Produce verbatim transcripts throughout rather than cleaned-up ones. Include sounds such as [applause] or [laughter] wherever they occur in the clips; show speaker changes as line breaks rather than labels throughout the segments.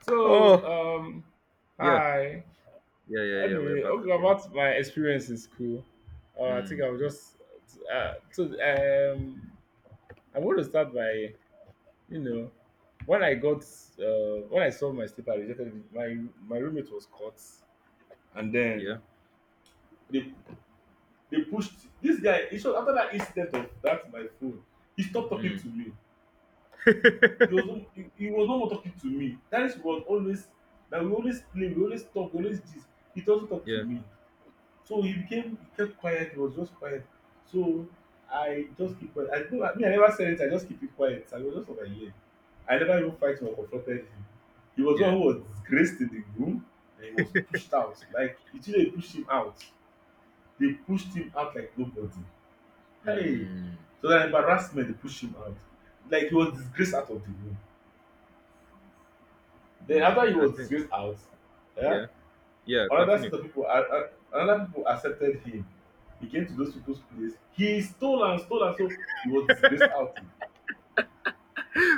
So,
Oh,
um,
yeah,
hi.
yeah, yeah, yeah. We're
Anyway,
back
okay,
again.
about my experience in school. Uh, I think
Mm,
I'll just uh, so um, I want to start by you know when I got uh, when I saw my slipper rejected, my my roommate was caught, and then
yeah,
they they pushed this guy. He showed, after that incident of that my phone, he stopped talking
mm,
to me. He was no- he, he was no more talking to me. That is was always that we always play, we always talk, we always this. He doesn't talk to
yeah,
me. So he became kept quiet, he was just quiet. So I just keep quiet. I never, me, I never said it, I just keep it quiet. I was just over here. I never even fight or confronted him. He was one
yeah.
who was disgraced in the room and he was pushed out. Like it they pushed him out. They pushed him out like nobody. Hey.
Mm,
So that embarrassment they pushed him out. Like he was disgraced out of the room. Then after he
mm, I
was
think,
disgraced out, eh,
yeah, yeah.
another set
Continue.
of
[laughs]
people, a- a- another people accepted him. He came to those people's place. He stole and stole and so he was disgraced out.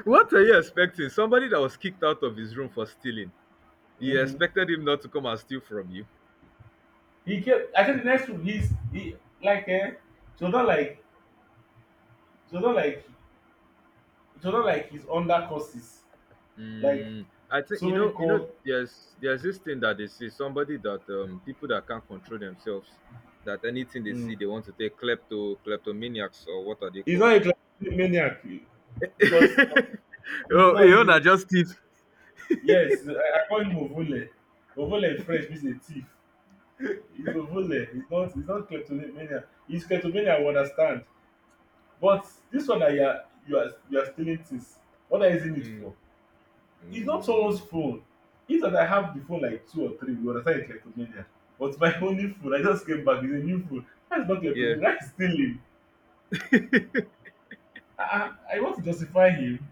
What are you expecting? Somebody that was kicked out of his room for stealing. You
Mm-hmm.
expected him not to come and steal from you.
He kept. I think the next room, he's he like eh. It was not like it was not like it was not like he's under courses. Like
Mm, I think
so
you
many
know, you know.
calls.
There's there's this thing that they see somebody that um people that can't control themselves. That anything they
Mm.
see, they want to take klepto kleptomaniacs or what are they
He's
called?
not a classic maniac eh, because no,
[laughs]
he's
Oh,
not.
you
He's
know,
a,
just thief.
yes, I, I call him Ovole. Ovole in French means a thief. He's ovule. He's not. He's not kleptomania. He's kleptomania. I understand. But this one that you are you are you are stealing things. What are you using it for? It's not someone's
Mm,
phone. If that I have the phone like two or three, you understand it's kleptomania. But my [laughs] only phone, I just came back. It's a new phone. That's not
yeah.
kleptomania. That is stealing.
[laughs] No,
I, I, I want to justify him.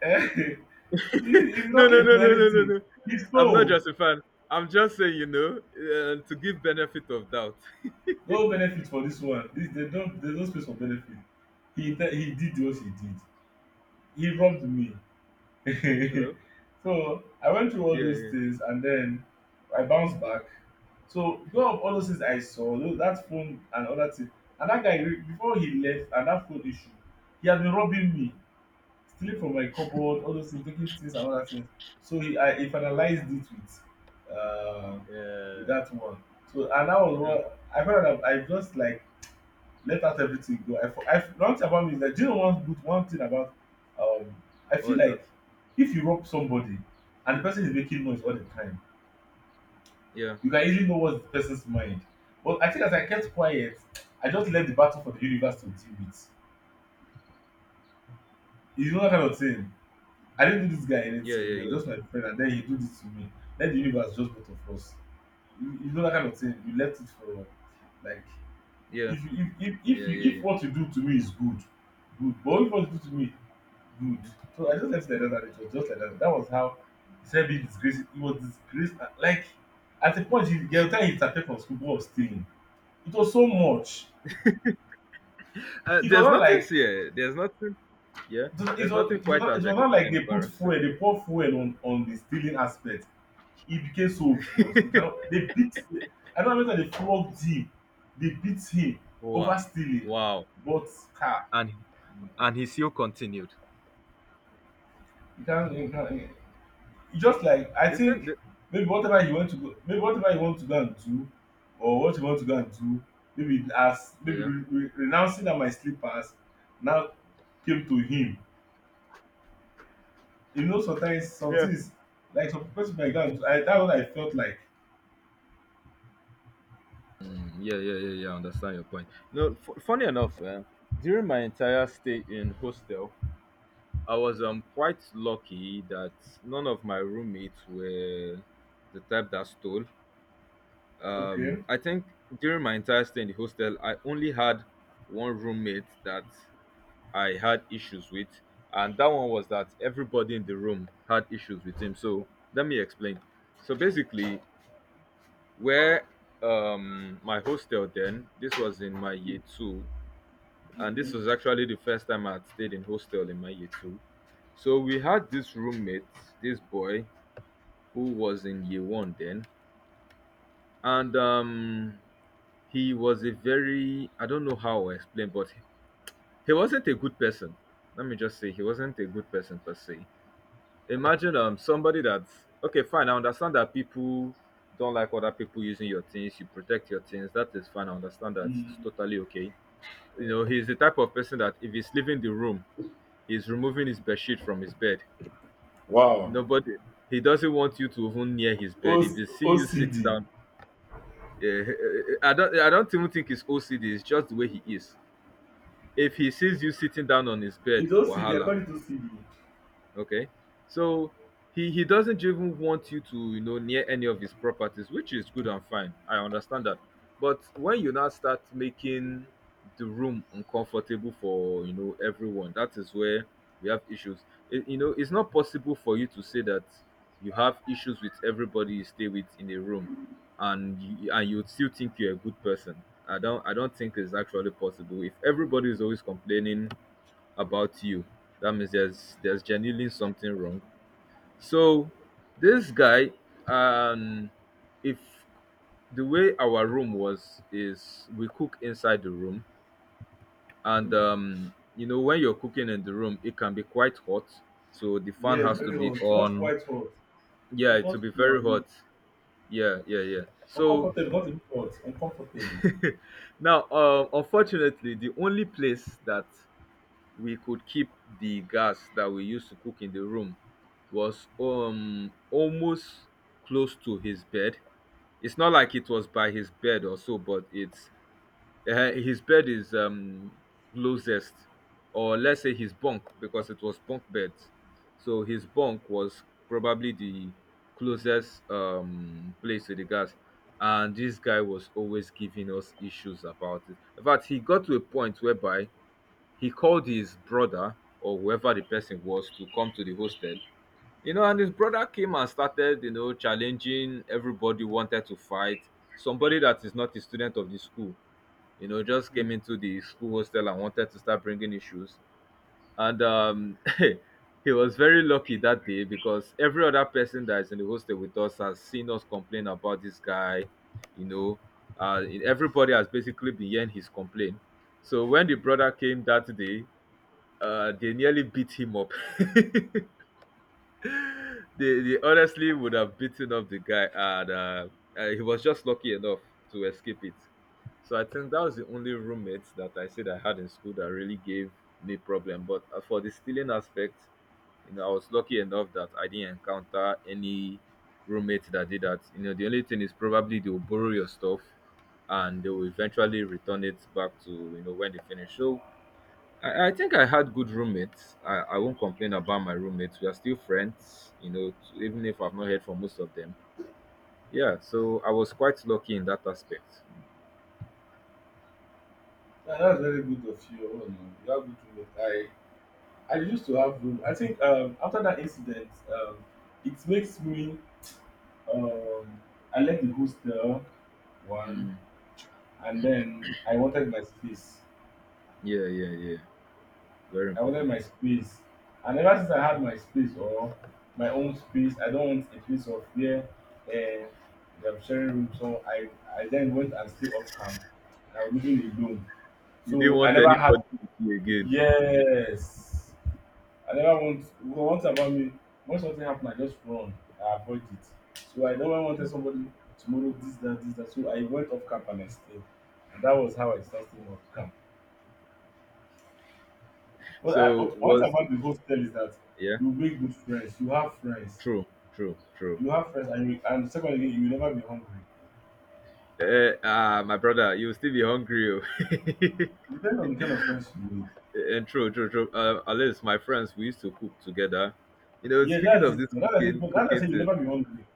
Eh, [laughs] he he's
no,
not
no,
left
no,
to
no, no,
anything.
no.
He's
I'm not
so
just a fan. I'm just saying, you know, uh, to give benefit of doubt.
no benefit for this one. This they don't. There's no space for benefit. He te- he did what he did. He robbed me.
[laughs]
[laughs]
Hello.
So I went through all
Yeah,
those
yeah,
things and then I bounced back. So because of all those things I saw, tho- that phone and other things, and that guy re- before he left and that phone issue, he had been robbing me, stealing from my cupboard, all those things, taking things and other things. So he I he finalized it with uh, with
yeah.
that one. So and that was
You know,
what I found out that I just like let out everything go. I, fo- I f- one thing about me is that do you know one good one thing about um I feel
what is that?
like if you rob somebody and the person is making noise all the time,
Yeah,
you can easily know what's the person's mind. But I think as I kept quiet, I just left the battle for the universe to deal with. You know that kind of thing. I didn't do this guy
yeah,
anything.
yeah,
He was
yeah,
just my friend, and then he do this to me. Let the universe just both of us. You, you know that kind of thing. You left it for like
yeah,
if you if if if,
yeah,
you,
yeah,
if
yeah.
what you do to me is good, good. But if what you do to me good. So
Yeah.
I
Yeah.
just left it like that and it was just like that. That was how he said being disgraced. He was disgraced. at- Like, at a point, he, the time he disappeared from school, what was stealing. It was so much.
Uh,
It was
there's
not
nothing
like
here. There's nothing. Yeah.
it was, it
There's
was, it
nothing
was,
quite
not, it was
as ex-
not like they put
embarrassing.
fuel, they pour fuel on, on the stealing aspect. It became so obvious. It cannot, they beat, I don't know whether they flogged him, they beat him over
Wow.
stealing,
Wow.
but car.
And and he still continued.
You can't, you can't, just like I
The thing,
think
the,
maybe whatever you want to go maybe whatever you want to go and do or what you want to go and do maybe as maybe
yeah.
re re renouncing dat my slippers now came to him. You know sometimes some things like some person might go and do I dat one I felt like
Mm, yeah, yeah, yeah, yeah. I understand your point. No, f- funny enough, eh, during my entire stay in hostel, I was um quite lucky that none of my roommates were the type that stole. Um,
okay
I think during my entire stay in the hostel, I only had one roommate that I had issues with, and that one was that everybody in the room had issues with him. So let me explain. So basically, where um my hostel then, this was in my year
um
two, and this
okay
was actually the first time I had stayed in hostel in my year two. So we had this roommate, this boy who was in year one then, and um he was a very, I don't know how I explain, but he wasn't a good person. Let me just say he wasn't a good person per se. Imagine um somebody that's okay, fine. I understand that people don't like other people using your things. You protect your things. That is fine. I understand that.
um
It's totally okay. You know, he's the type of person that if he's leaving the room, he's removing his bed sheet from his bed.
Wow.
Nobody. He doesn't want you to even near his bed. If
Oc
he see you sit
O C D.
down, eh, eh, I don't. I don't even think it's O C D. It's just the way he is. If he sees you sitting down on his
It's
bed,
O C D I call
wahala.
it O C D.
Okay. So he he doesn't even want you to, you know, near any of his properties, which is good and fine. I understand that. But when you now start making the room uncomfortable for, you know, everyone, that is where we have issues. It, you know, it's not possible for you to say that you have issues with everybody you stay with in a room, and you, and you would still think you're a good person. I don't I don't think it's actually possible. If everybody is always complaining about you. That means there's there's genuinely something wrong. So this guy, um, if the way our room was is we cook inside the room, and
Oh
um, you know, when you're cooking in the room, it can be quite hot. So the fan
yes,
has to
very
be
hot, not
on.
quite hot.
Yeah,
It's
it will
not
be
cooking our
very
meal.
hot. Yeah, yeah, yeah. So
Uncomfortable, not even hot, uncomfortable.
[laughs] now, um, unfortunately, the only place that we could keep the gas that we used to cook in the room was um almost close to his bed. It's not like it was by his bed or so, but it's uh, his bed is um closest, or let's say his bunk because it was bunk beds. So his bunk was probably the closest um place to the gas, and this guy was always giving us issues about it. In fact, he got to a point whereby he called his brother or whoever the person was to come to the hostel. You know, and his brother came and started, you know, challenging everybody, wanted to fight. Somebody that is not a student of the school, you know, just came into the school hostel and wanted to start bringing issues. And um, [laughs] he was very lucky that day because every other person that is in the hostel with us has seen us complain about this guy, you know. Uh, everybody has basically been hearing his complaint. So when the brother came that day, uh they nearly beat him up. [laughs] they, they honestly would have beaten up the guy, and uh, uh, he was just lucky enough to escape it. So I think that was the only roommate that I said I had in school that really gave me problem, but uh, for the stealing aspect, you know, I was lucky enough that I didn't encounter any roommate that did that. You know, the only thing is probably they will borrow your stuff and they will eventually return it back, to, you know, when they finish. So I, I think I had good roommates. I, I won't complain about my roommates. We are still friends, you know, t- even if I've not heard from most of them. Yeah, so I was quite lucky in that aspect.
Yeah, that's very good of you. Oh, no. You have good roommate. I I used to have room. I think um, after that incident, um, it makes me um, I left the hostel one,
Mm,
and then I wanted my space.
yeah, yeah, yeah. Very
I wanted
important.
my space, and ever since I had my space or my own space, I don't want a place of where uh, they're sharing room. So I I then went and stayed off camp. I was living alone,
You didn't
so I
want
never had
anybody to see you again.
yes I never want once about me, when something happen, I just run. I avoid it. So I never wanted somebody tomorrow this that this that. So I went off camp and I stayed, and that was how I started staying off camp. But I,
So
but one thing
was
about the hostel is that
yeah,
you make good friends, you have friends,
true, true, true.
you have friends, and you, and second again, you will never be hungry.
Eh, ah, my brother, you will still be hungry. Oh.
It depends on the kind of friends you make.
[laughs] And true, true, true. Uh, at least my friends, we used to cook together. You know,
Yeah,
speaking
that's
of
it.
this
That's I say,
cooking,
that's I
cooking
said, you
to,
never be hungry.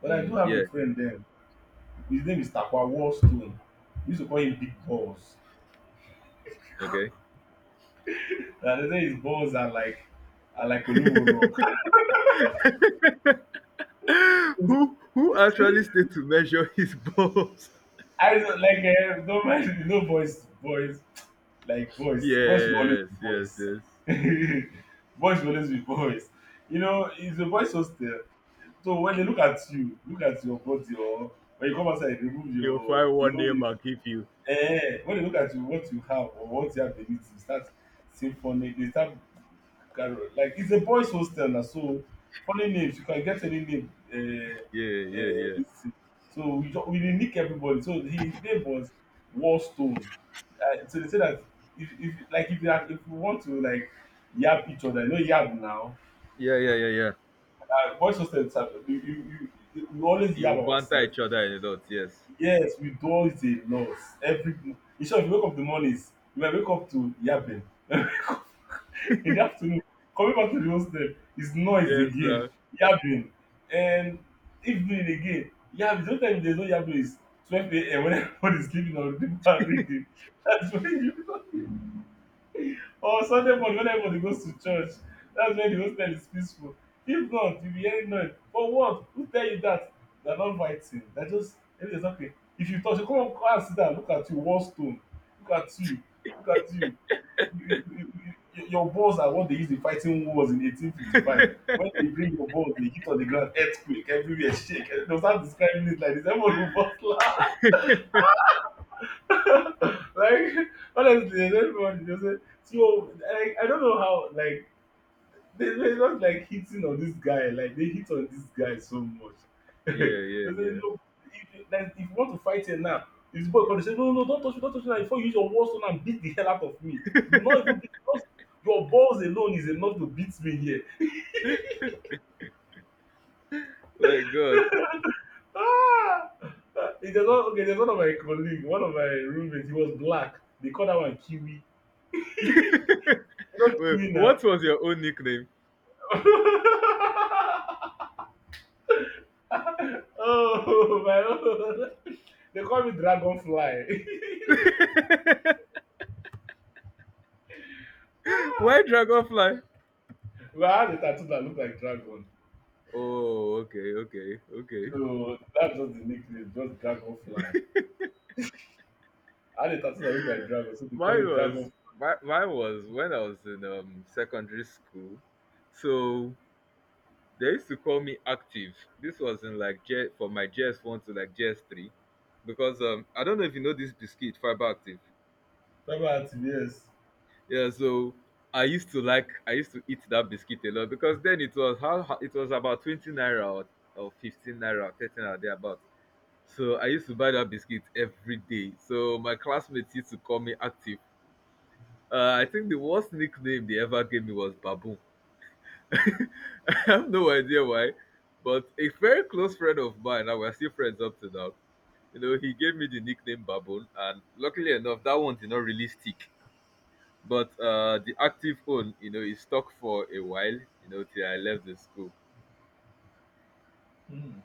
But I do
mm,
have a
yeah,
friend there. His name is Takwa Wallstone. We used to call him Big Balls.
okay.
Uh, they say his balls are like are like Olumo rock. [laughs]
Who who actually
See,
stayed to measure his balls?
I don't- like uh, don't mind you know boys boys like
[laughs]
boys boys will always
Yes,
be
yes,
boys.
yes.
[laughs] Boys will always be boys. You know it's a boys hostel. So when they look at you, look at your body or when you come outside, remove
He'll
your
find
you
one
know
name and give you.
eh, when they look at you, what you have or what you have beneath you, start symphony. They start carol. Like it's a boys' hostel now, so funny names. You can get any name. Uh,
Yeah, yeah,
uh,
yeah.
this thing. So we ju- we dey nick everybody. So his name was Warstone. Uh, so they say that if if like if you have, if you want to like yab each other, no yab now.
Yeah, yeah, yeah, yeah.
Uh, boys' hostel, is, uh, you, you, you, we always
You
yab
banter
ourselves.
each other in the dot, yes.
Yes, withdrawal is a loss. Every in short, if you wake up in the mornings, you might wake up to yabbing. [laughs] In the afternoon, coming back to the hostel is
[laughs]
noise
Yes,
again,
sir.
yabbing. And evening again, yabbing. Sometimes there's no yabbing. It's twelve a m when [laughs] everybody's sleeping or people are reading. [laughs] That's when you [laughs] or Sunday morning when everybody goes to church. That's when the hostel is peaceful. If not, you'll be hearing noise. For what? Who tell you that? They're not fighting. They're just everything's okay. If you touch, you come come and sit down, look at you, war stone. Look at you. Look at you. You- you- you- you- Your balls are what they used in fighting wars in eighteen fifty-five. When they bring your balls, they hit on the ground, earthquake, everywhere, shake. They'll start describing it like this. Everyone will bust laugh. [laughs] Like, honestly, everyone just say, so like, I don't know how, like, they were just like hitting on this guy like they hit on this guy so much [laughs] they say
Yeah, yeah,
look if like if you want to fight here now if boy
yeah.
come they say no no don't touch me don't touch me now before you use your war stone and beat the hell out of me you will
Yes.
not even beat just your balls alone is enough to beat me here.
[laughs] My god.
[laughs] Ah, it's not okay. There's one of my colleague, one of my roommates. He was black, they call that one kiwi. You know
[laughs] Wait,
kiwi now.
what was your own nickname?
[laughs] Oh, my own they call me dragonfly.
[laughs] Why
[laughs]
dragonfly?
Well, I had a tattoo that looked like dragon.
Oh, okay, okay, okay.
So that's just the nickname, just dragonfly. I had a tattoo that looked like dragon, so they call
Mine
it
was
dragon.
My, mine was when I was in um secondary school. So they used to call me active. This was in like J, for my J S one to like J S three, because um I don't know if you know this biscuit fiber active.
Dragon activates.
Yeah, so I used to like I used to eat that biscuit a lot because then it was how it was about twenty naira or, or fifteen naira, thirteen naira thereabout. So I used to buy that biscuit every day. So my classmates used to call me active. Uh, I think the worst nickname they ever gave me was Baboon. [laughs] I have no idea why, but a very close friend of mine, and we're still friends up to now. You know, he gave me the nickname Baboon, and luckily enough, that one did not really stick. But uh, the active one, you know, is stuck for a while. You know, till I left the school.
Hmm.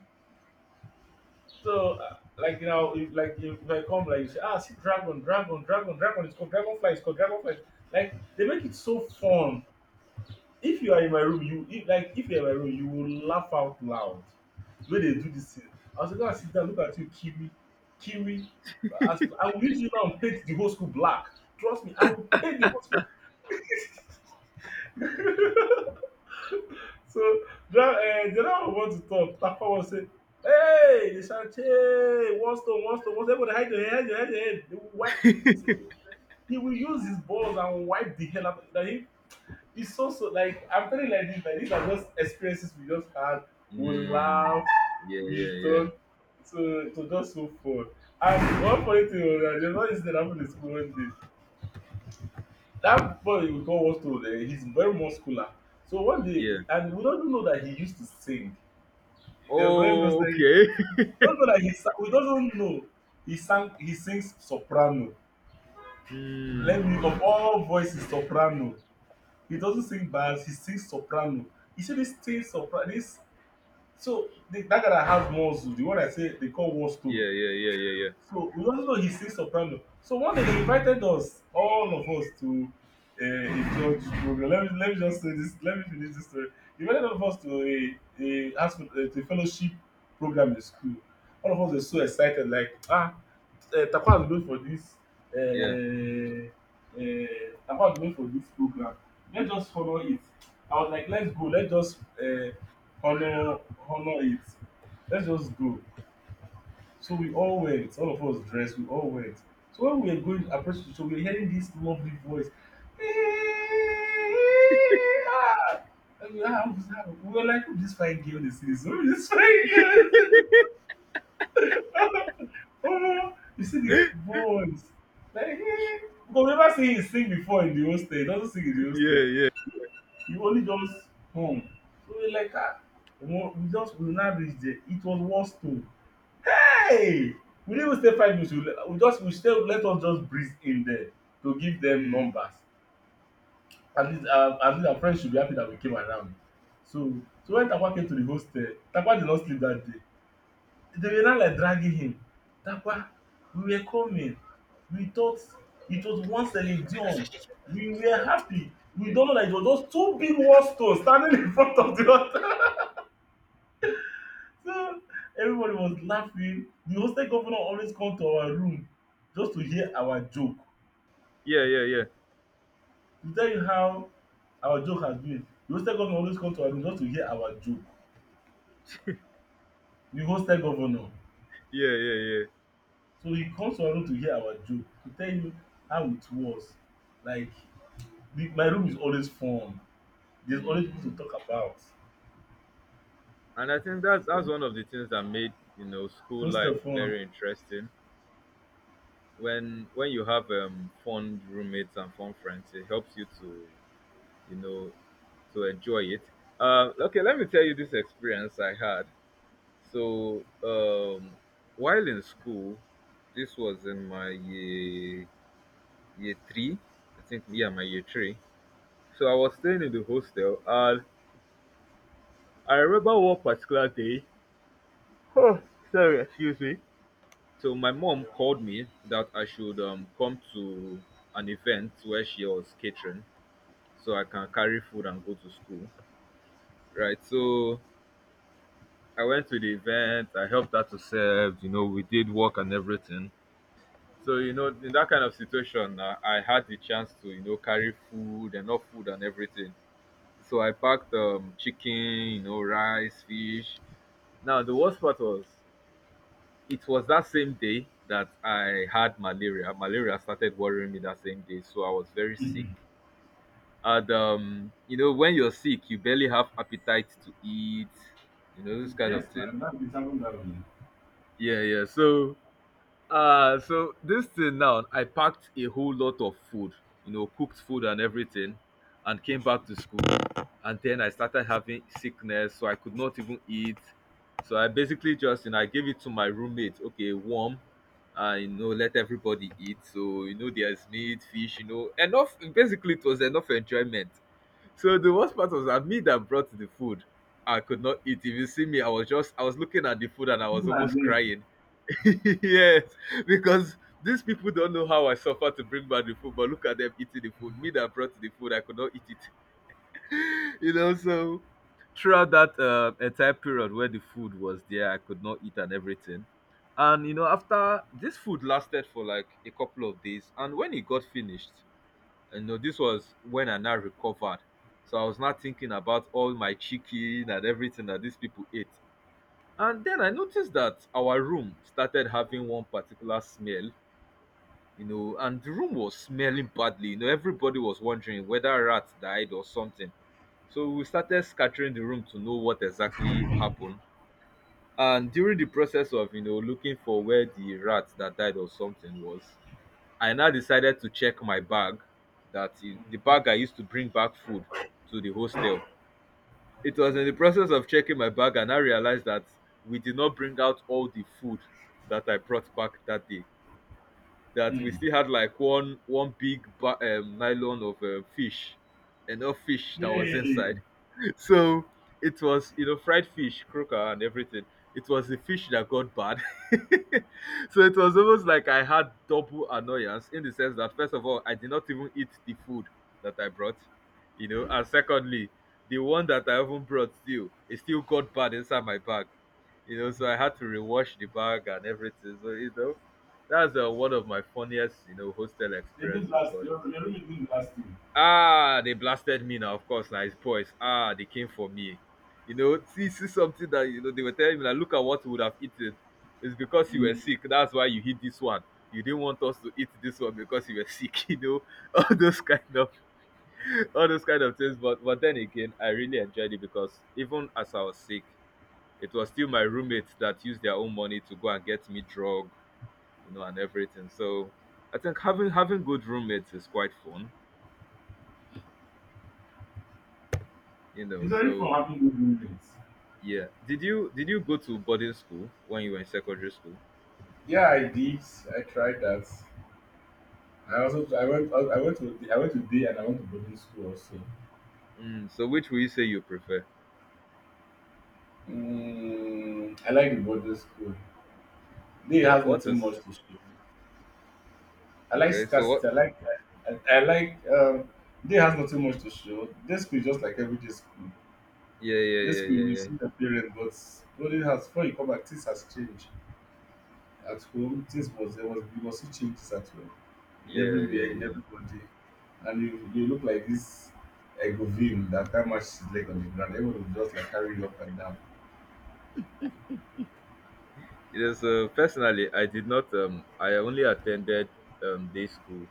So uh, like now, if, like if, if I come like you say, ah, see dragon, dragon, dragon, dragon. It's called dragonfly. It's called dragonfly. Like they make it so fun. If you are in my room, you if like if you are in my room, you will laugh out loud. The way they do this thing. I was gonna sit down, look at you, Kiwi, Kiwi. As, I will use you now and paint the whole school black. Trust me, I will paint the whole school. [laughs] So dra- eh, the other one want to talk. Tafa was say, "Hey, they shout, hey, one stone, one stone, one stone. Everybody hide your head, hide your head, hide your head." They will wipe. He, say, he will use his balls and wipe the hell out. That he it's so so like I'm telling you like this, like these are just experiences we just had. We laugh,
Mm, yeah,
we
yeah, yeah,
talk, so it was just so fun. And one funny thing was that there's one incident that happened in school one day. That boy we call Wasto, uh, he's very muscular. So one day,
yeah.
he- and we don't know that he used to sing. The brain just
Oh,
like
okay.
we don't know that he sang, we don't know he sang he sings soprano.
[laughs] mm,
Let me of all voices soprano. He doesn't sing bass, he sings soprano. You see this thing soprano this. So the, that guy that has muscles, the one I say they call Warstone.
yeah, yeah, yeah, yeah, yeah,
So we also know he sings soprano. So one day they invited us, all of us, to uh, a church program. Let me let me just say this. Let me finish this story. They invited all of us to a a, ask for- uh, to a fellowship program in school. All of us were so excited, like ah, uh, Taquan is known for this
yeah,
uh, uh, Taquan is known for this program. Let's just honor it. I was like, let's go. Let's just uh, honor honor it. Let's just go. So we all went. All of us dressed. We all went. So when we were going approaching, so we were hearing this lovely voice. [laughs] And we were we were like, who this fine girl this is? Who this fine girl is? Omo! You see the voice, like eh, because we never see him sing before in the hostel, he doesn't sing in the hostel,
yeah, yeah.
he only just hum. So we like ah! Omo we just we now reach there, it was one stone. Hey! We didn't even stay five minutes, we le- we just we stay let us just breeze in there to give dem
Mm,
numbers. At least our at least our friends should be happy that we came around. So so when Tapawa came to the hostel, Tapawa did not sleep that day. They were now like dragging him. Dapa, we were coming. We thought it was once one Celine done. We were happy. We don't know that it was just two big war stones standing in front of the altar. [laughs] So everybody was laughing. The hostel governor always come to our room just to hear our joke.
yeah, yeah, yeah,
To tell you how our joke has been. The hostel governor always come to our room just to hear our joke. The hostel governor.
yeah, yeah, yeah.
So he comes to our room to hear our joke, to tell you how it was. Like the, my room is always fun. There's always people to
Mm.
talk about.
And I think that
So
that's one of the things that made, you know, school
most
life
of fun.
very interesting. when when you have um fun roommates and fun friends, it helps you to, you know, to enjoy it. Uh, okay, let me tell you this experience I had. So um while in school, this was in my year year three, I think, yeah, my year three. So I was staying in the hostel, and I remember one particular day, [sighs] sorry, excuse me. So my mom called me that I should um, come to an event where she was catering so I can carry food and go to school. Right. So I went to the event, I helped her to serve, you know, we did work and everything. So, you know, in that kind of situation, uh, I had the chance to, you know, carry food and not food and everything. So I packed um, chicken, you know, rice, fish. Now, the worst part was it was that same day that I had malaria. Malaria started worrying me that same day, so I was very sick.
Mhm.
And um, you know, when you're sick, you barely have appetite to eat, you know, this kind
Yes,
of thing.
man, that is happened that way.
Yeah, yeah. So uh, so this thing now, I packed a whole lot of food, you know, cooked food and everything, and came back to school. And then I started having sickness, so I could not even eat. So I basically just, you know, I gave it to my roommate, okay, warm, and you know, let everybody eat. So, you know, there's meat, fish, you know, enough. Basically, it was enough enjoyment. So the worst part was that me that brought the food, I could not eat. If you see me, I was just, I was looking at the food and I was
People are
almost
there.
crying. [laughs] Yes, because these people don't know how I suffer to bring back the food, but look at them eating the food. Me that brought the food, I could not eat it. [laughs] you know, so throughout that uh, entire period where the food was there, I could not eat and everything. And you know, after this food lasted for like a couple of days, and when it got finished, you know, this was when I now recovered. So I was not thinking about all my chicken and everything that these people ate. And then I noticed that our room started having one particular smell, you know, and the room was smelling badly. You know, everybody was wondering whether rats died or something. So we started scattering the room to know what exactly happened. And during the process of, you know, looking for where the rat that died or something was, I now decided to check my bag, that i- the bag I used to bring back food to the hostel. It was in the process of checking my bag and I realized that we did not bring out all the food that I brought back that day. That we
Mm-hmm.
still had like one one big ba- um, nylon of um, fish, enough fish that was
Yay!
inside. So it was, you know, fried fish, croaker, and everything. It was the fish that got bad. [laughs] So it was almost like I had double annoyance in the sense that, first of all, I did not even eat the food that I brought, you know, and secondly, the one that I even brought still, it still got bad inside my bag, you know, so I had to rewash the bag and everything. So, you know, that's uh, one of my funniest, you know, hostel
They did
experiences.
last.
But
Your, your room last thing.
ah, they blasted me now. Of course, now it's boys. Ah, they came for me. You know, see, see something that you know they were telling me. Like, look at what you would have eaten. It's because you were
Mm.
sick. That's why you hit this one. You didn't want us to eat this one because you were sick. [laughs] You know, all those kind of, [laughs] all those kind of things. But but then again, I really enjoyed it because even as I was sick, it was still my roommates that used their own money to go and get me drug, you know, and everything. So I think having having good roommates is quite fun. You
It's
know,
very fun
so
having good roommates.
Yeah. Did you did you go to boarding school when you were in secondary school?
Yeah, I did. I tried that. I also I went I went to I went to day and I went to boarding school also.
Mm, so which will you say you prefer?
Mm, I like the boarding school. Day
What
has
what
nothing much
is
to show. I like
okay? So
scarcity.
what?
I like I, I like um they has nothing much to show. This school is just like every day school.
Yeah, yeah,
This
yeah,
school we
yeah,
see the parent, but what it has before you come back, things has changed. At home, things was there was you must see changes at home. In
yeah,
everywhere,
yeah, yeah,
in
yeah.
everybody. And you you look like this egovim that can't match his leg on the ground. Everyone will just like carry you up and down.
It is uh, personally, I did not um I only attended um day school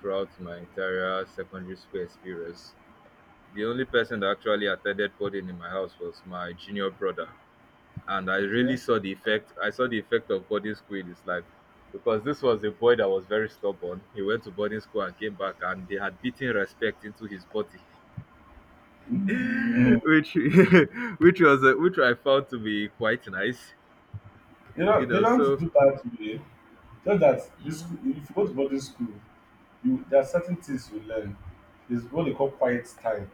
throughout my entire secondary school experience. The only person that actually attended boarding in my house was my junior brother. And I
Okay?
really saw the effect. I saw the effect of boarding school in his life because this was a boy that was very stubborn. He went to boarding school and came back, and they had beaten respect into his body, [laughs]
Mm.
which [laughs] which was uh, which I found to be quite nice,
They
you
don't, they
know.
don't
So,
do bad today, you. Just that this school
mm,
if you go to boarding school, you, there are certain things you learn. There's what they call quiet time.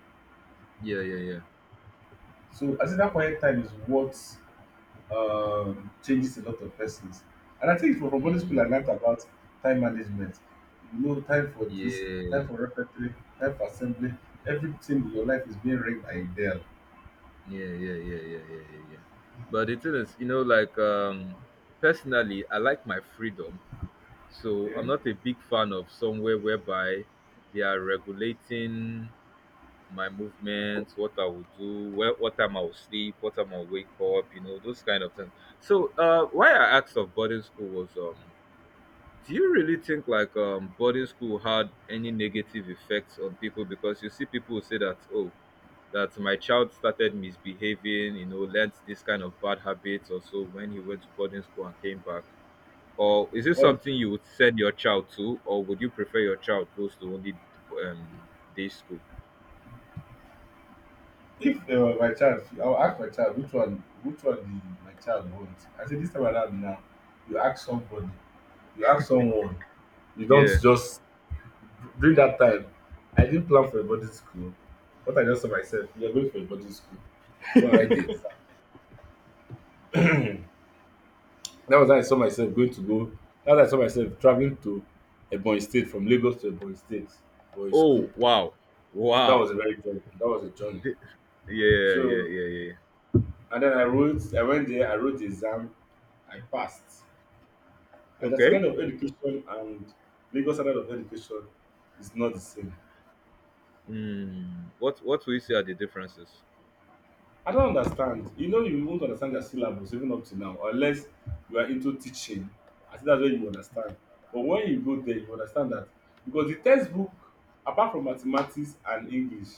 yeah, yeah, yeah,
So I think that quiet time is what um, changes a lot of persons. And I think from from boarding school, I
mm,
learned about time management. You know, time for
yeah,
this,
yeah,
time for repertory, time for assembly. Everything in your life is being ringed by a bell.
yeah, yeah, yeah, yeah, yeah, yeah. But the thing is, you know, like um, personally, I like my freedom. So
Okay.
I'm not a big fan of somewhere whereby they are regulating my movements, what I will do, where, what time I will sleep, what time I will wake up, you know, those kind of things. So uh, why I asked of boarding school was, um, do you really think, like um, boarding school had any negative effects on people? Because you see people who say that, oh, that my child started misbehaving, you know, learnt this kind of bad habits also when he went to boarding school and came back. Or is it
Well,
something you would send your child to, or would you prefer your child goes to only um, day school?
if uh, my child, I'll ask my child which one, which one the, my child wants. I say this time around now, you ask somebody, you ask someone. You don't
Yeah.
just, during that time, I didn't plan for a boarding school. What I just saw myself, we are going for a boarding school. Go and write the exam. That was how I saw myself going to go. That was how I saw myself traveling to Ebonyi State, from Lagos to Ebonyi State for a school.
Oh wow,
That
wow.
was a very journey. That was a journey.
[laughs] Th- Yeah, yeah,
So,
yeah, yeah,
and then I wrote, I went there, I wrote the exam, I passed.
yeah.
And the
Okay.
standard of education and Lagos standard of education is not the same.
Hmm. What What will you say are the differences?
I don't understand. You know, you won't understand their syllabus even up to now, unless you are into teaching. I think that's where you understand. But when you go there, you understand that because the textbook, apart from mathematics and English,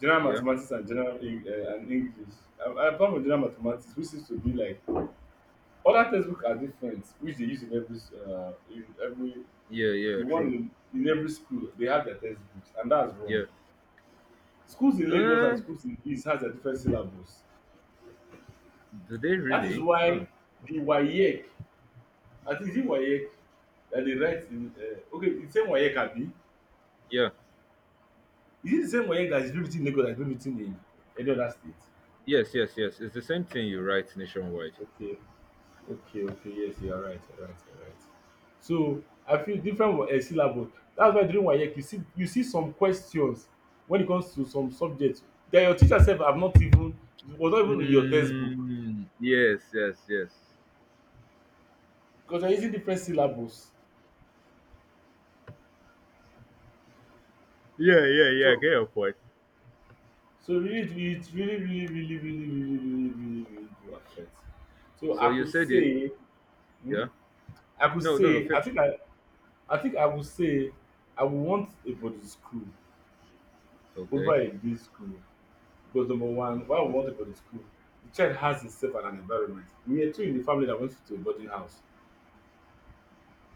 general
Yeah.
mathematics and general Eng- uh, and English, uh, apart from general mathematics, which seems to be like other textbooks are different, which they use in every uh, in every
Yeah.
the
Yeah.
one
True.
in, in every school they have their textbooks, and that's wrong.
Yeah.
Schools in Lagos and
Uh,
schools in East has a different syllabus.
do they
That is
really? Huh.
why the WAEC, I think is it WAEC that they write in uh, okay, the same WAEC abi?
Yeah.
Is it the same WAEC that is being written in Lagos that is being written in any other state?
Yes. Yes. Yes. It's the same thing you write nationwide.
Okay, okay, okay, yes, you are right, you are right, you are right. So I feel different uh, syllabus. That's why during WAEC you see you see some questions when it comes to some subjects that your teacher sef have not even was not even in your textbook
Mm, yes, yes, yes.
because they are using different syllabus.
Yeah, yeah, yeah. I
So
get your point.
So really, it really, really, really, really, really, really, really, really, really do affect. So
So
I
you
could
said it.
say, hmm,
Yeah.
I could
No, no, the
say, I
fish.
think I, I think I would say, I would want a body school over
Okay.
a day school because number one, why I would
Okay.
want a body school? The child has himself and an environment. We are two in the family that went to a boarding house,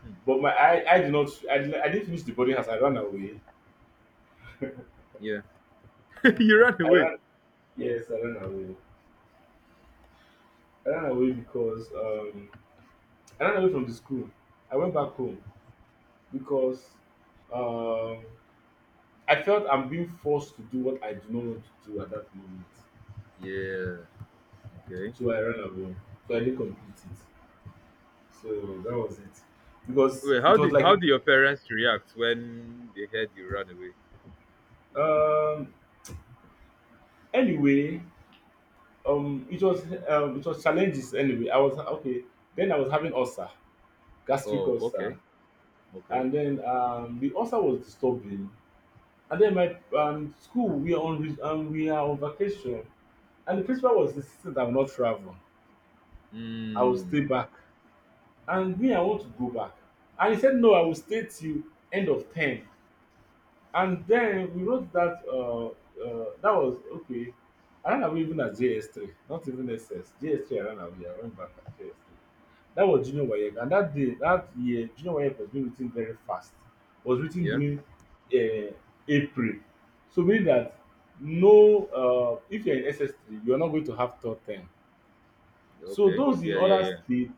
Hmm.
but my I, I did not, I did, I didn't finish the boarding house. I ran away.
Yeah. [laughs] You ran
I
away.
ran, yes, I ran away. I ran away because um, I ran away from the school. I went back home because um, I felt I'm being forced to do what I do not want to do at that moment.
Yeah. Okay.
So I ran away. So I didn't complete it. So that was it. Because
Wait,
it
how
was
did how
like
did your parents react when they heard you ran away?
um anyway, um it was um it was challenges anyway. I was okay. Then I was having ulcer, gastric
Oh, okay.
ulcer.
Okay.
And then um the ulcer was disturbing. And then my um school we are on re- um, we are on vacation and the principal was insisting I will not travel. I will
Mm.
stay back. And me I want to go back and he said no I will stay till end of term, and then we wrote that uh, uh, that was okay. I ran away even at J S three, not even ss J S three, I ran away, I went back at J S three. That was junior waec, and that day, that year junior waec was being written very fast, was written
Yeah.
during uh, April. So meaning that no, uh, if you're in S S three you're not going to have third term, so
Okay.
those in
Yeah, yeah,
other
yeah.
states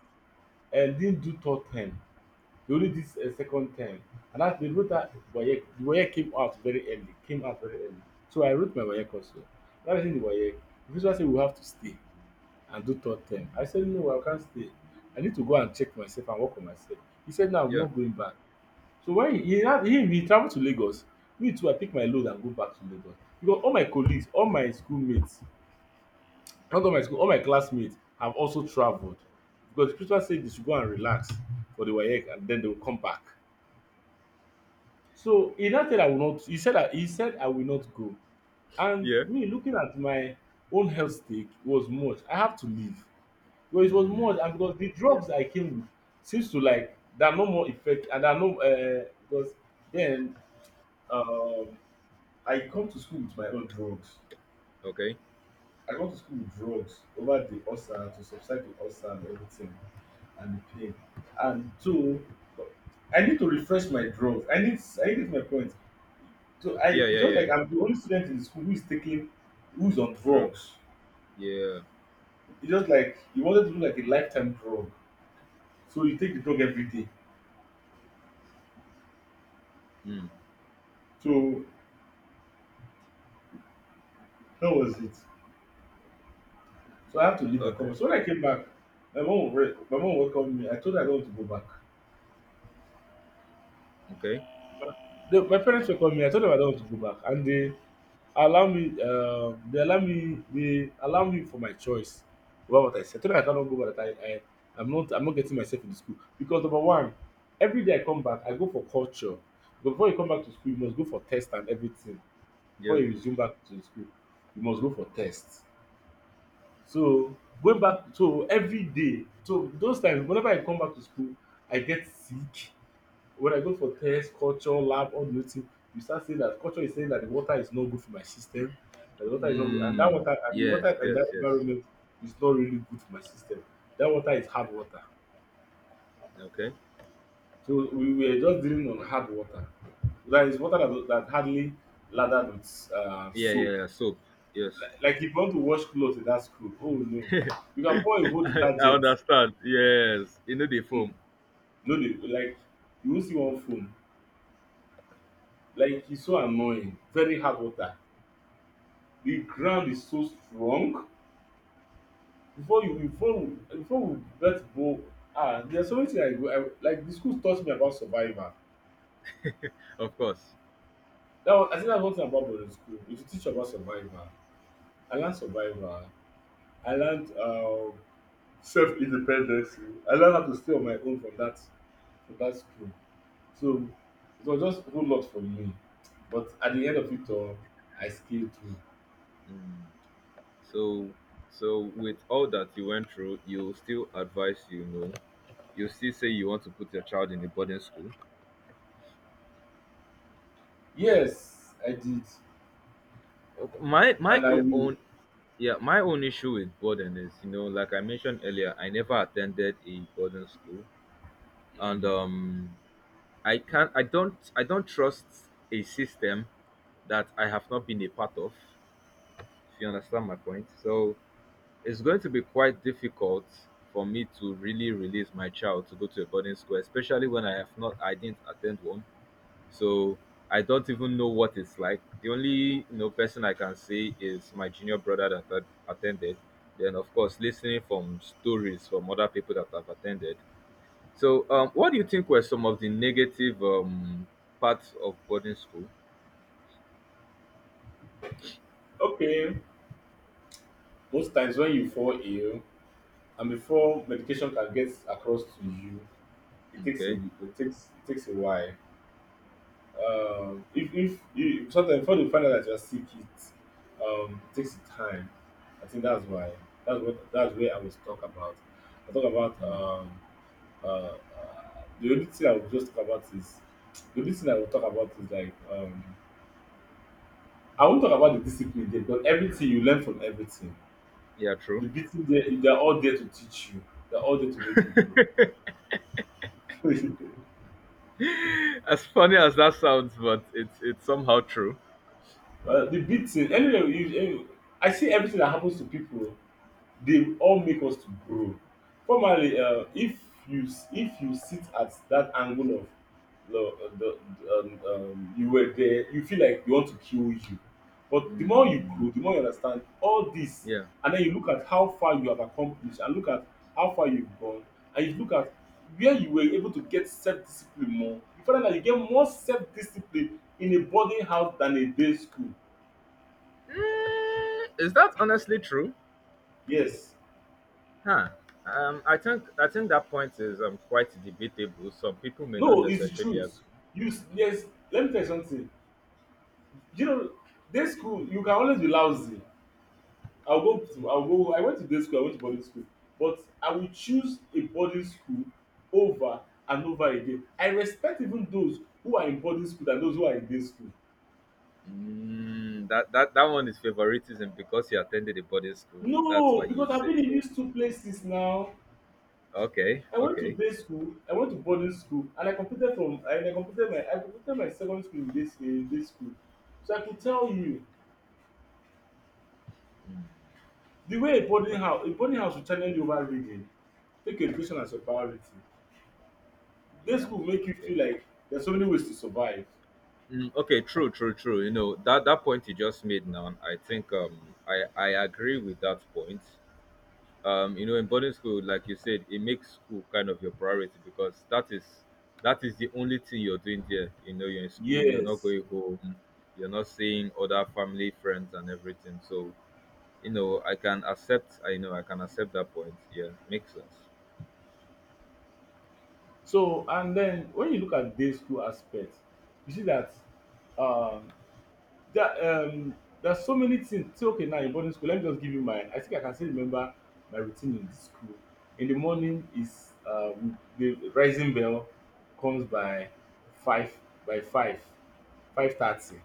uh, didn't do third term, they only did a second time. And that, they wrote that Wayek, the Wayek came out very early, came out very early. So I wrote my Wayek also. That is in the Wayek. The principal said, we have to stay and do third term. I said, no, I can't stay. I need to go and check myself and work on myself. He said, no, I'm
Yeah.
not going back. So when he, he, had- he, he traveled to Lagos, me too, I pick my load and go back to Lagos. Because all my colleagues, all my schoolmates, not all my school, all my classmates have also traveled. Because the principal said they should go and relax for the WAEC and then they will come back. So he now said I will not he said that he said I will not go. And
Yeah.
me looking at my own health stake was much. I have to leave. Well, it was
Mm.
much and because the
Yeah.
drugs I came with seems to like there are no more effect and there are no uh, because then um, I come to school with my own drugs.
Okay.
I come to school with drugs over the ulcer to subside the ulcer and everything and the pain. And two, I need to refresh my drugs. I need I need to my point. So I
Yeah,
it's
yeah,
just
yeah.
like I'm the only student in school who is taking who's on
Drugs.
drugs.
Yeah.
It's just like you wanted to do like a lifetime drug. So you take the drug every day.
Mm.
So that was it. So I have to leave and come.
Okay.
Back. So when I came back, my mom re- my mom welcomed me. I told her I don't want to go back.
Okay.
The, my parents welcomed me. I told them I don't want to go back. And they allow me um they allow me they allow me for my choice over what I said. I told dem I cannot go back, that I I I'm not I'm not getting myself into school because number one, every day I come back I go for culture, but before you come back to school you must go for test and everything. Before
Yeah.
you resume back to the school you must go for test. So going back, so every day, so those times whenever I come back to school I get sick. When I go for test, culture, lab, all those things, you start saying that culture is saying that the water is not good for my system, that the water is not good, and that
Mm.
water and the water
Yes,
and
yes,
that
yes.
environment is not really good for my system. That water is hard water.
Okay.
So we were just dealing on hard water. That is water that, that hardly lathered with uh,
Yeah, yeah,
soap.
yeah. Soap. Yes.
Like if you want to wash clothes in that school, oh no. You can pour a whole
[laughs] I I
detergent.
understand. Yes, you know the
Hmm.
foam,
No, they- like you won't see one foam. Like it's so annoying. Very hard water. The ground is so strong before you before we before we get borehole. Ah, there's are so many things i go I like the school taught me about survival.
of course.
That one, I think, that's one thing about boarding school, if you teach about survival. I learned survival. I learned um self independence. I learned how to stay on my own from that, from that school. So it was just a whole lot for me, but at the end of it all, I scaled through.
Mm. So, so with all that you went through, you still advise, you know, you still say you want to put your child in a boarding school.
Yes, I did,
My my
and I will.
own, yeah, my own issue with boarding is, you know, like I mentioned earlier, I never attended a boarding school, and
Mm.
um, I can't, I don't, I don't trust a system that I have not been a part of. If you understand my point, so it's going to be quite difficult for me to really release my child to go to a boarding school, especially when I have not I didn't attend one. So I don't even know what it's like. The only you know person I can say is my junior brother that had attended. Then of course listening from stories from other people that have attended. So um, what do you think were some of the negative um, parts of boarding school?
Okay, most times when you fall ill and before medication can get across to you, it takes a
Okay,
it takes it takes a while. Um if if you sometimes, before you find out that you're sick, it um it takes time. I think that's why, that's what that's where i was talk about I talk about um uh, uh the only thing I will just talk about is the only thing I will talk about is like um I won't talk about the discipline there, but everything you learn from everything,
yeah, true.
the beating there, they're all there to teach you, they're all there to make you grow. [laughs]
[laughs] As funny as that sounds, but it's it's somehow true.
Uh, the beating, anyway you anyway, I see everything that happens to people. They all make us to grow. Formerly, uh, if you s- if you sit at that angle of the the the um um you were there, you feel like they want to kill you, but the more you
Mm.
grow, the more you understand all this.
Yeah.
And then you look at how far you have accomplished and look at how far you've gone, and you look at where you were able to get self discipline more. You find out that you get more self discipline in a boarding house than a day school.
Mm, is that honestly true?
Yes.
Huh. Um, I think I think that point is um quite debatable. Some people may not
No, it's the
necessarily agree.
truth. You s- yes. Let me tell you something. You know, day school you can always be lousy. I'll go to I'll go. I went to day school. I went to boarding school, but I will choose a boarding school over and over again. I respect even those who are in boarding school than those who are in day school.
Mm, that, that that one is favoritism because you attended a boarding school. That's why
No,
you
because I've
say
been in
so.
these two places now.
Okay,
I went to
okay.
day school. I went to boarding school, and I completed from and I completed my I completed my secondary school in this in this school. So I could tell you.
Mm,
The way a boarding
okay.
house a boarding house will challenge you over reading. Take education as a priority. Day
Yeah,
school make you
okay.
feel like there's so many ways to survive.
Mm, okay, true, true, true. You know that that point you just made now. I think um I I agree with that point. Um, you know, in boarding school, like you said, it makes school kind of your priority because that is that is the only thing you're doing there. You know, you're in school, you're not
Yes.
going home, you're not seeing other family, friends, and everything. So, you know, I can accept. I know I can accept that point. Yeah, makes sense.
So and then when you look at day school aspect, you see that um that um there's so many things. Say okay, now in boarding school, let me just give you mine. I think I can still remember my routine in the school. In the morning is uh, we- the rising bell comes by five, by five five thirty.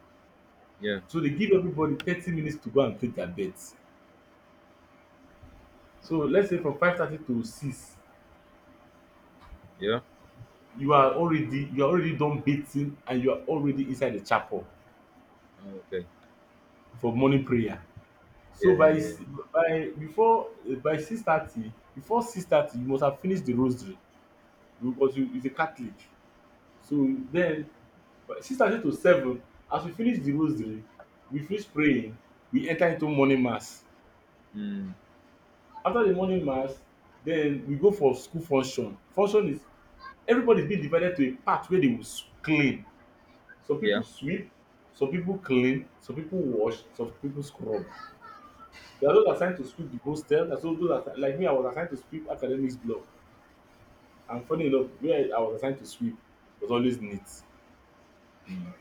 Yeah,
So they give everybody thirty minutes to go and take their bet. So let's say from five thirty to six
yeah.
you are already you are already done bathing and you are already inside the chapel
Oh, okay.
for morning prayer.
Yeah,
So by
yeah, yeah.
s- by before eh, by six thirty, before six thirty you must have finished the rosary because you is a catholic. So then by six thirty to seven, as we finish the rosary, we finish praying, we enter into morning mass.
Mm,
After the morning mass, then we go for school function. Function is everybody's been divided to a part where they will s- clean. Some
yeah.
people sweep, some people clean, some people wash, some people scrub. There are those assigned to sweep the hostel. There's those those assi- like me, I was assigned to sweep academics block. And funny enough, where I was assigned to sweep was always neat.
Mm.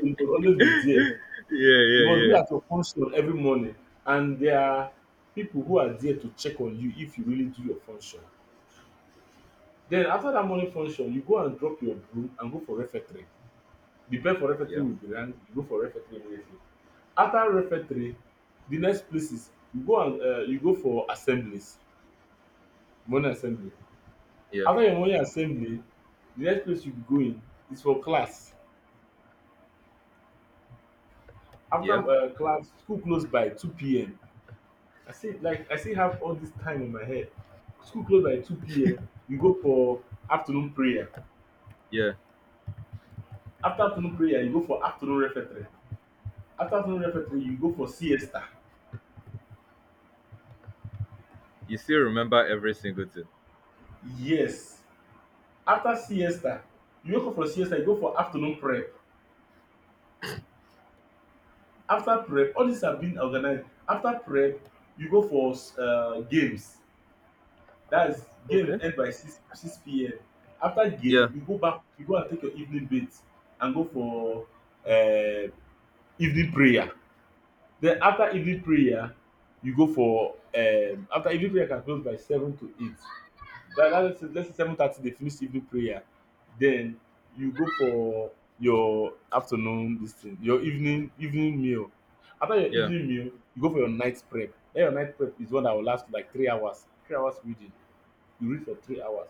It was always be there.
Yeah,
You
yeah,
must be
yeah.
at your function every morning, and there are people who are there to check on you if you really do your function. Then after that morning function, you go and drop your broom and go for refectory. The bell
Mm,
for refectory
yeah,
will be rang. You go for refectory immediately. After refectory, the next place is you go and uh, you go for assemblies, morning assembly.
yeah,
After your morning assembly, the next place you be going is for class. After
yeah,
um class, school close by two p m. I still like I still have all this time in my head. School close by two p m, you go for afternoon prayer.
yeah.
After afternoon prayer, you go for afternoon refectory. After afternoon refectory, you go for siesta.
You still remember every single thing.
Yes. After siesta, you wake up for siesta, you go for afternoon prep. After prep, all these have been organized. After prep you go for uh, games. That's game
Okay.
end by six six p m. After
Yeah,
game, you go back, you go and take your evening bath and go for uh, evening prayer. Then after evening prayer, you go for um after evening prayer can close by seven to eight. But that, let's say, let's say seven thirty they finish evening prayer, then you go for your afternoon, this thing, your evening, evening meal. After your
yeah.
evening meal, you go for your night prep. Then your night prep is one that will last like three hours, three hours reading. You read for three hours.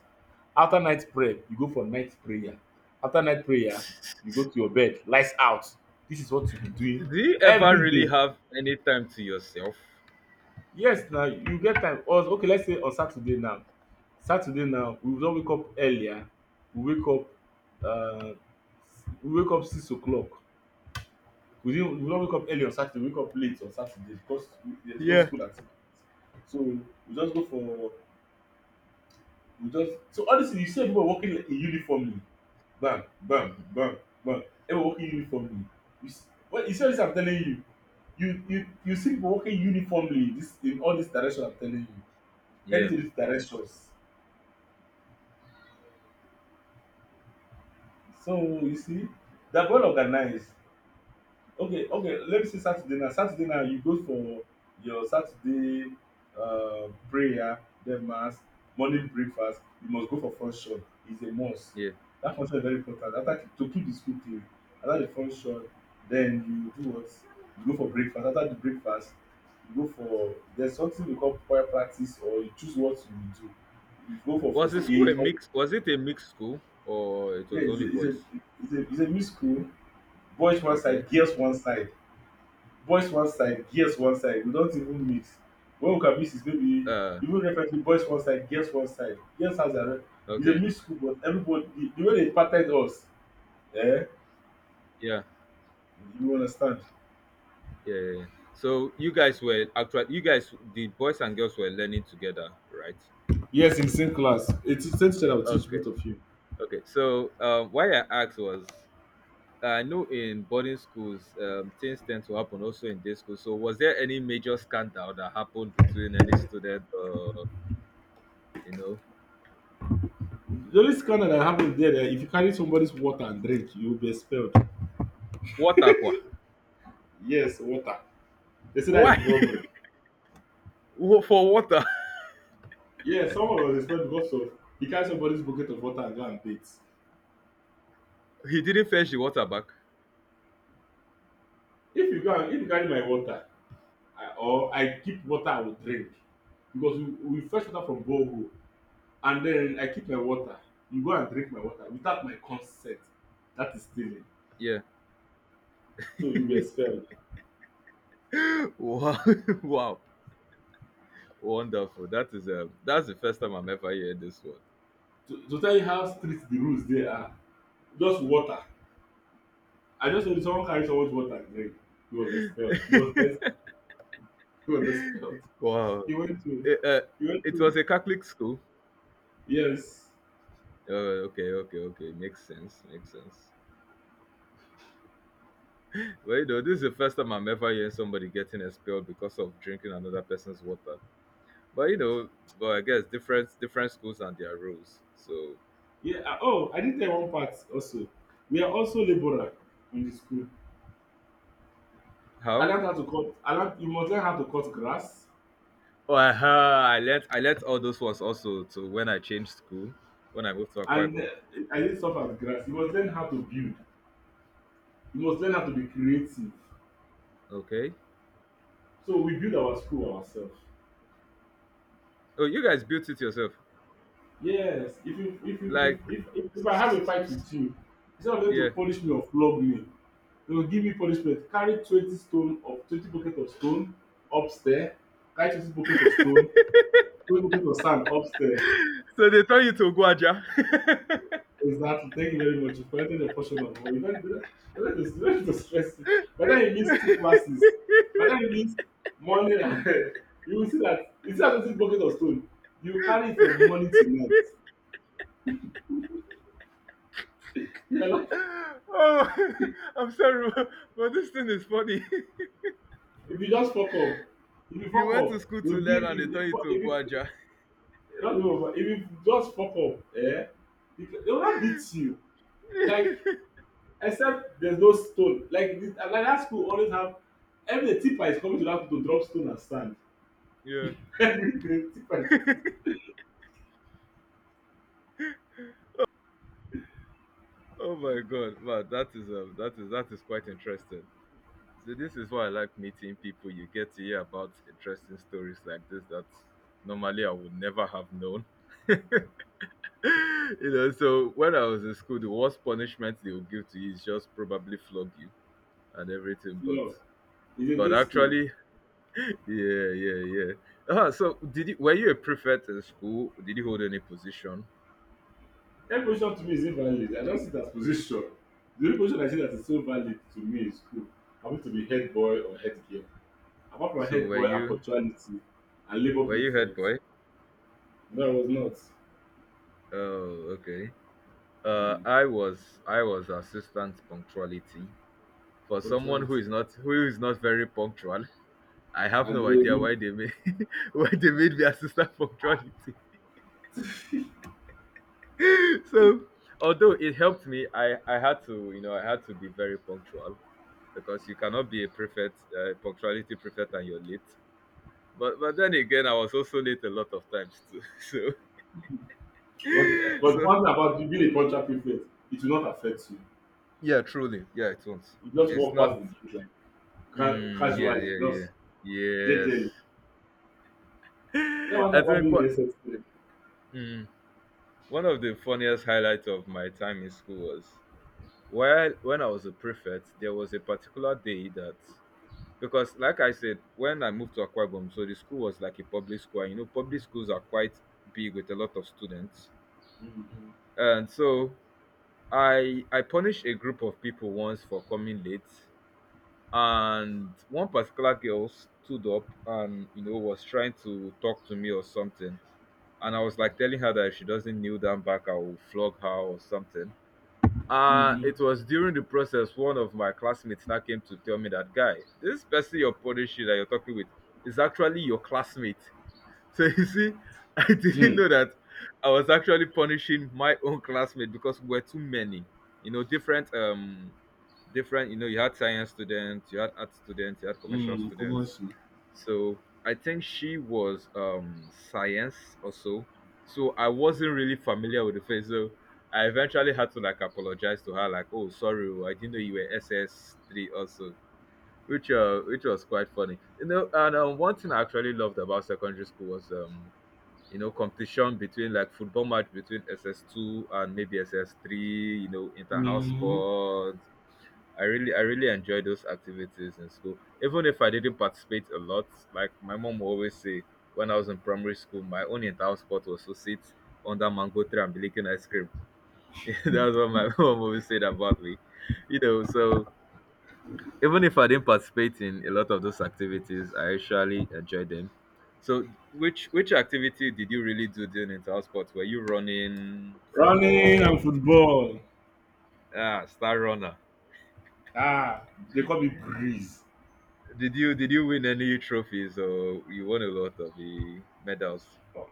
After night prep, you go for night prayer. After night prayer, you go to your bed, lights out. This is what you be
D-
doing
do you ever
every
really
day.
have any time to yourself?
Yes, now you get time. Or okay, let's say on Saturday now, Saturday now we don't wake up earlier, we wake up um we wake up six o'clock. We didn't we don wake up early on Saturday, we wake up late on Saturday because we, there's no
Yeah.
school activity. So we just go for we just, so honestly, you see people working in uniformly, bam bam bam bam. Everyone working uniformly. You see, well, you see all dis, I'm telling you, you you you see people working uniformly this in all this direction, I'm telling you, heading
Yeah,
to these directions. So you see they are well organized. okay okay, let me see Saturday now. Saturday now you go for your Saturday uh, prayer, then mass, morning breakfast. You must go for function. It's a must.
yeah.
That function is very important after to keep the school clean. After the function, then you do what, you go for breakfast. After the breakfast you go for there's something we call choir practice, or you choose what you will do. You go for
Was
first
the school a
aid.
mix? Was it a mixed school or it
Yeah,
was
it's
only
a, it's a,
boys?
it's a, it's a mixed school. Boys one
Okay.
side, girls one side. Boys one side, girls one side. We don't even mix. When we can mix is maybe
Uh.
even reference to boys one side, girls one side. Girls has a own. It's a
Okay.
mixed school, but everybody, the, the way they parted us, eh?
Yeah.
You understand?
Yeah, yeah, yeah. So you guys were actually you guys the boys and girls were learning together, right?
Yes, in same class. It's the same teacher that will teach
Okay.
both of you.
Okay. So um, why I asked was, I know in boarding schools um, things tend to happen also in day school. So was there any major scandal that happened between any student? Uh, you know.
The only scandal that happened there, that if you carry somebody's water and drink, you will be expelled.
Water kwa.
Yes, water. They say that
Why?
is robbery.
[laughs] For water.
Yeah, someone was expelled because of he carry somebody's bucket of water and go and bathe.
He didn't fetch the water back.
If you go and if you carry my water I, or I keep water I will drink because we, we fetch water from borehole and then I keep my water. You go and drink my water without my consent. That is stealing.
Yeah.
So you be expelled.
Wow. [laughs] Wow. Wonderful. That is um that's the first time I'm ever hearing this one.
To, to tell you how strict the rules there are, just water. I just know someone carry someone's water and drink. He was expelled. He was best. [laughs]
[laughs]
He was expelled.
Wow.
He went to.
It, uh,
He went
it
to.
was a Catholic school.
Yes.
Uh, okay, okay, okay. Makes sense. Makes sense. Well, you know, this is the first time I'm ever hearing somebody getting expelled because of drinking another person's water. But you know, but I guess different different schools and their rules. So
Yeah. ah, Oh, I did tell one part also. We are also labourer in the school. I
how?
learned how to cut. I learned you must learn how to cut grass,
Oh, aha, I learned I learned all those ones also to when I changed school, when I moved to Akwa
and uh,
Ibom.
I did stuff as grass. You must learn how to build. You must learn how to be creative.
Okay.
So we build our school ourselves.
Oh, you guys built it yourself.
Yes. If you if you
Like,
if if, if, if
s-
I have a
s-
fight
s-
with you, instead of them
yeah.
to punish me or flog me, they will give me punishment. Carry twenty stone of twenty bucket of stone upstairs. Carry twenty bucket of stone, twenty bucket of sand upstairs.
So they tell you to go Aja. [laughs]
Exactly. Thank you very much. You've collected your portion of money. You don't, you don't, you don't, need to- you don't need to stress it. But then you miss two classes. But then you miss morning and [laughs] you will see that it's not just a bucket of stone. You carry it from morning to night. You are not-
Oh, [laughs] I'm sorry, [laughs] but this thing is funny.
If you just fuck up, if you
[laughs] You
fuck
went to
up,
school to
you'll give
learn and
if
they tell
if, if,
you to go
if, if,
Aja.
not you, but if you just fuck up, eh? They they will not beat you. Like
[laughs]
except there's no stone. Like this- like that school always have every the tipper is coming to that school to drop stone and sand.
Yeah.
Everything if I chop it
Oh my God, man, that is um, that is that is quite interesting. So this is why I like meeting people. You get to hear about interesting stories like this that normally I would never have known. [laughs] you know, so when I was in school, the worst punishment they would give to you is just probably flog you and everything. But
floor
but
against school
actually, [laughs] yeah, yeah, yeah. Ah, so did you were you a prefect in school? Did you hold any position?
every position to me is invalid. I don't see that as position. The only position I see that is so valid to me is school. I want to be head boy or head girl apart from
So
head
were
boy and
you
punctuality and labour
were you head
prefect.
boy?
No, I was not.
Oh, okay. Uh,
Hmm.
I was I was assistant punctuality. For someone who is
Punctuality
not who is not very punctual, I have
and
no
we
idea why
[laughs]
they made [laughs] why they made me assistant punctuality. [laughs] So although it helped me, I I had to, you know I had to be very punctual because you cannot be a prefect uh, punctuality prefect and you're late. But but then again, I was also late a lot of times too. [laughs]
but eh,
So
but
so
one thing about you being a punctual prefect, it will not affect you.
yeah, truly yeah, it won't.
You just
It's
walk
not.
past the gate like ca
Mm, yeah,
casually
yeah, yeah,
just
yes.
gently.
[laughs]
That one thing
I
about
think
being in
what.
S S three.
Mm. One of the funniest highlights of my time in school was, while when I was a prefect, there was a particular day that, because like I said, when I moved to Akwa Ibom, so the school was like a public school. and You know, public schools are quite big with a lot of students. And so I I punished a group of people once for coming late, and one particular girl stood up and you know was trying to talk to me or something. And I was like telling her that if she doesn't kneel down back, I will flog her or something. Uh,
Mm-hmm.
it was during the process, one of my classmates now came to tell me that, guy, this person you're punishing that you're talking with is actually your classmate. [laughs] So you see, [laughs] I didn't
Mm-hmm.
know that I was actually punishing my own classmate because we were too many. You know, different um different, you know, you had science students, you had art students, you had commercial
Mm,
students.
Kubosi.
So I think she was um science also. So I wasn't really familiar with the face. So I eventually had to like apologize to her, like, oh sorry, oh, I didn't know you were S S three also. Which uh which was quite funny. You know, and um, one thing I actually loved about secondary school was um you know competition between, like, football match between S S two and maybe S S three, you know, inter house
Mm.
sport. I really I really enjoy those activities in school. Even if I didn't participate a lot, like my mom would always say, when I was in primary school, my only entire sport was to sit under mango tree and be licking ice cream. [laughs] That's what my [laughs] mom always said about me. You know, so even if I didn't participate in a lot of those activities, I actually enjoyed them. So which which activity did you really do during entire sport? Were you running,
Running and
football?
football.
Ah, star runner.
Ah, they call me Breeze.
Did you did you win any trophies or you won a lot of the medals?
Oh,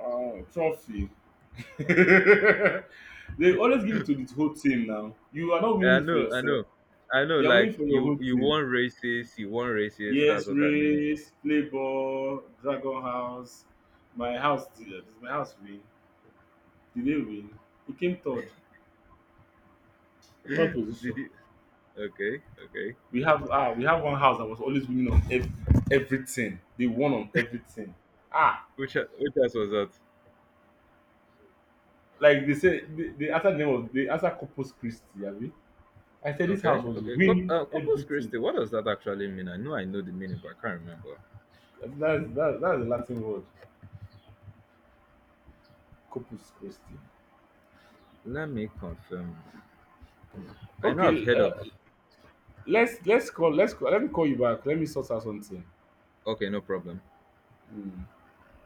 oh, trophy. [laughs] They always give it to the whole team now. You are not
Eh,
winning
I
it for
know, I know,
yourself.
I know.
You are winning
Like
for your
you
whole
you
team.
won races, you won races.
Yes,
That's what I mean.
race, play ball, dragon house. My house Did my house win? Did they win? It came third.
[laughs]
Third position.
Did you? Okay, okay.
We have ah we have one house that was always winning on ev- everything. They won on everything. Ah
Which e- which else was that?
Like they say, the, the answer name was the answer Corpus Christi. Abi? I said this
Okay,
house was
okay. Cou-
winning
uh, Corpus
everything.
Christi. What does that actually mean? I know I know the meaning, but I can't remember.
That's that, that's the Latin word, Corpus Christi.
Let me confirm. I know I've
Okay,
heard of.
uh, let's let's call let's call, let me call you back. Let me sort out something.
Okay, no problem.
Hmm.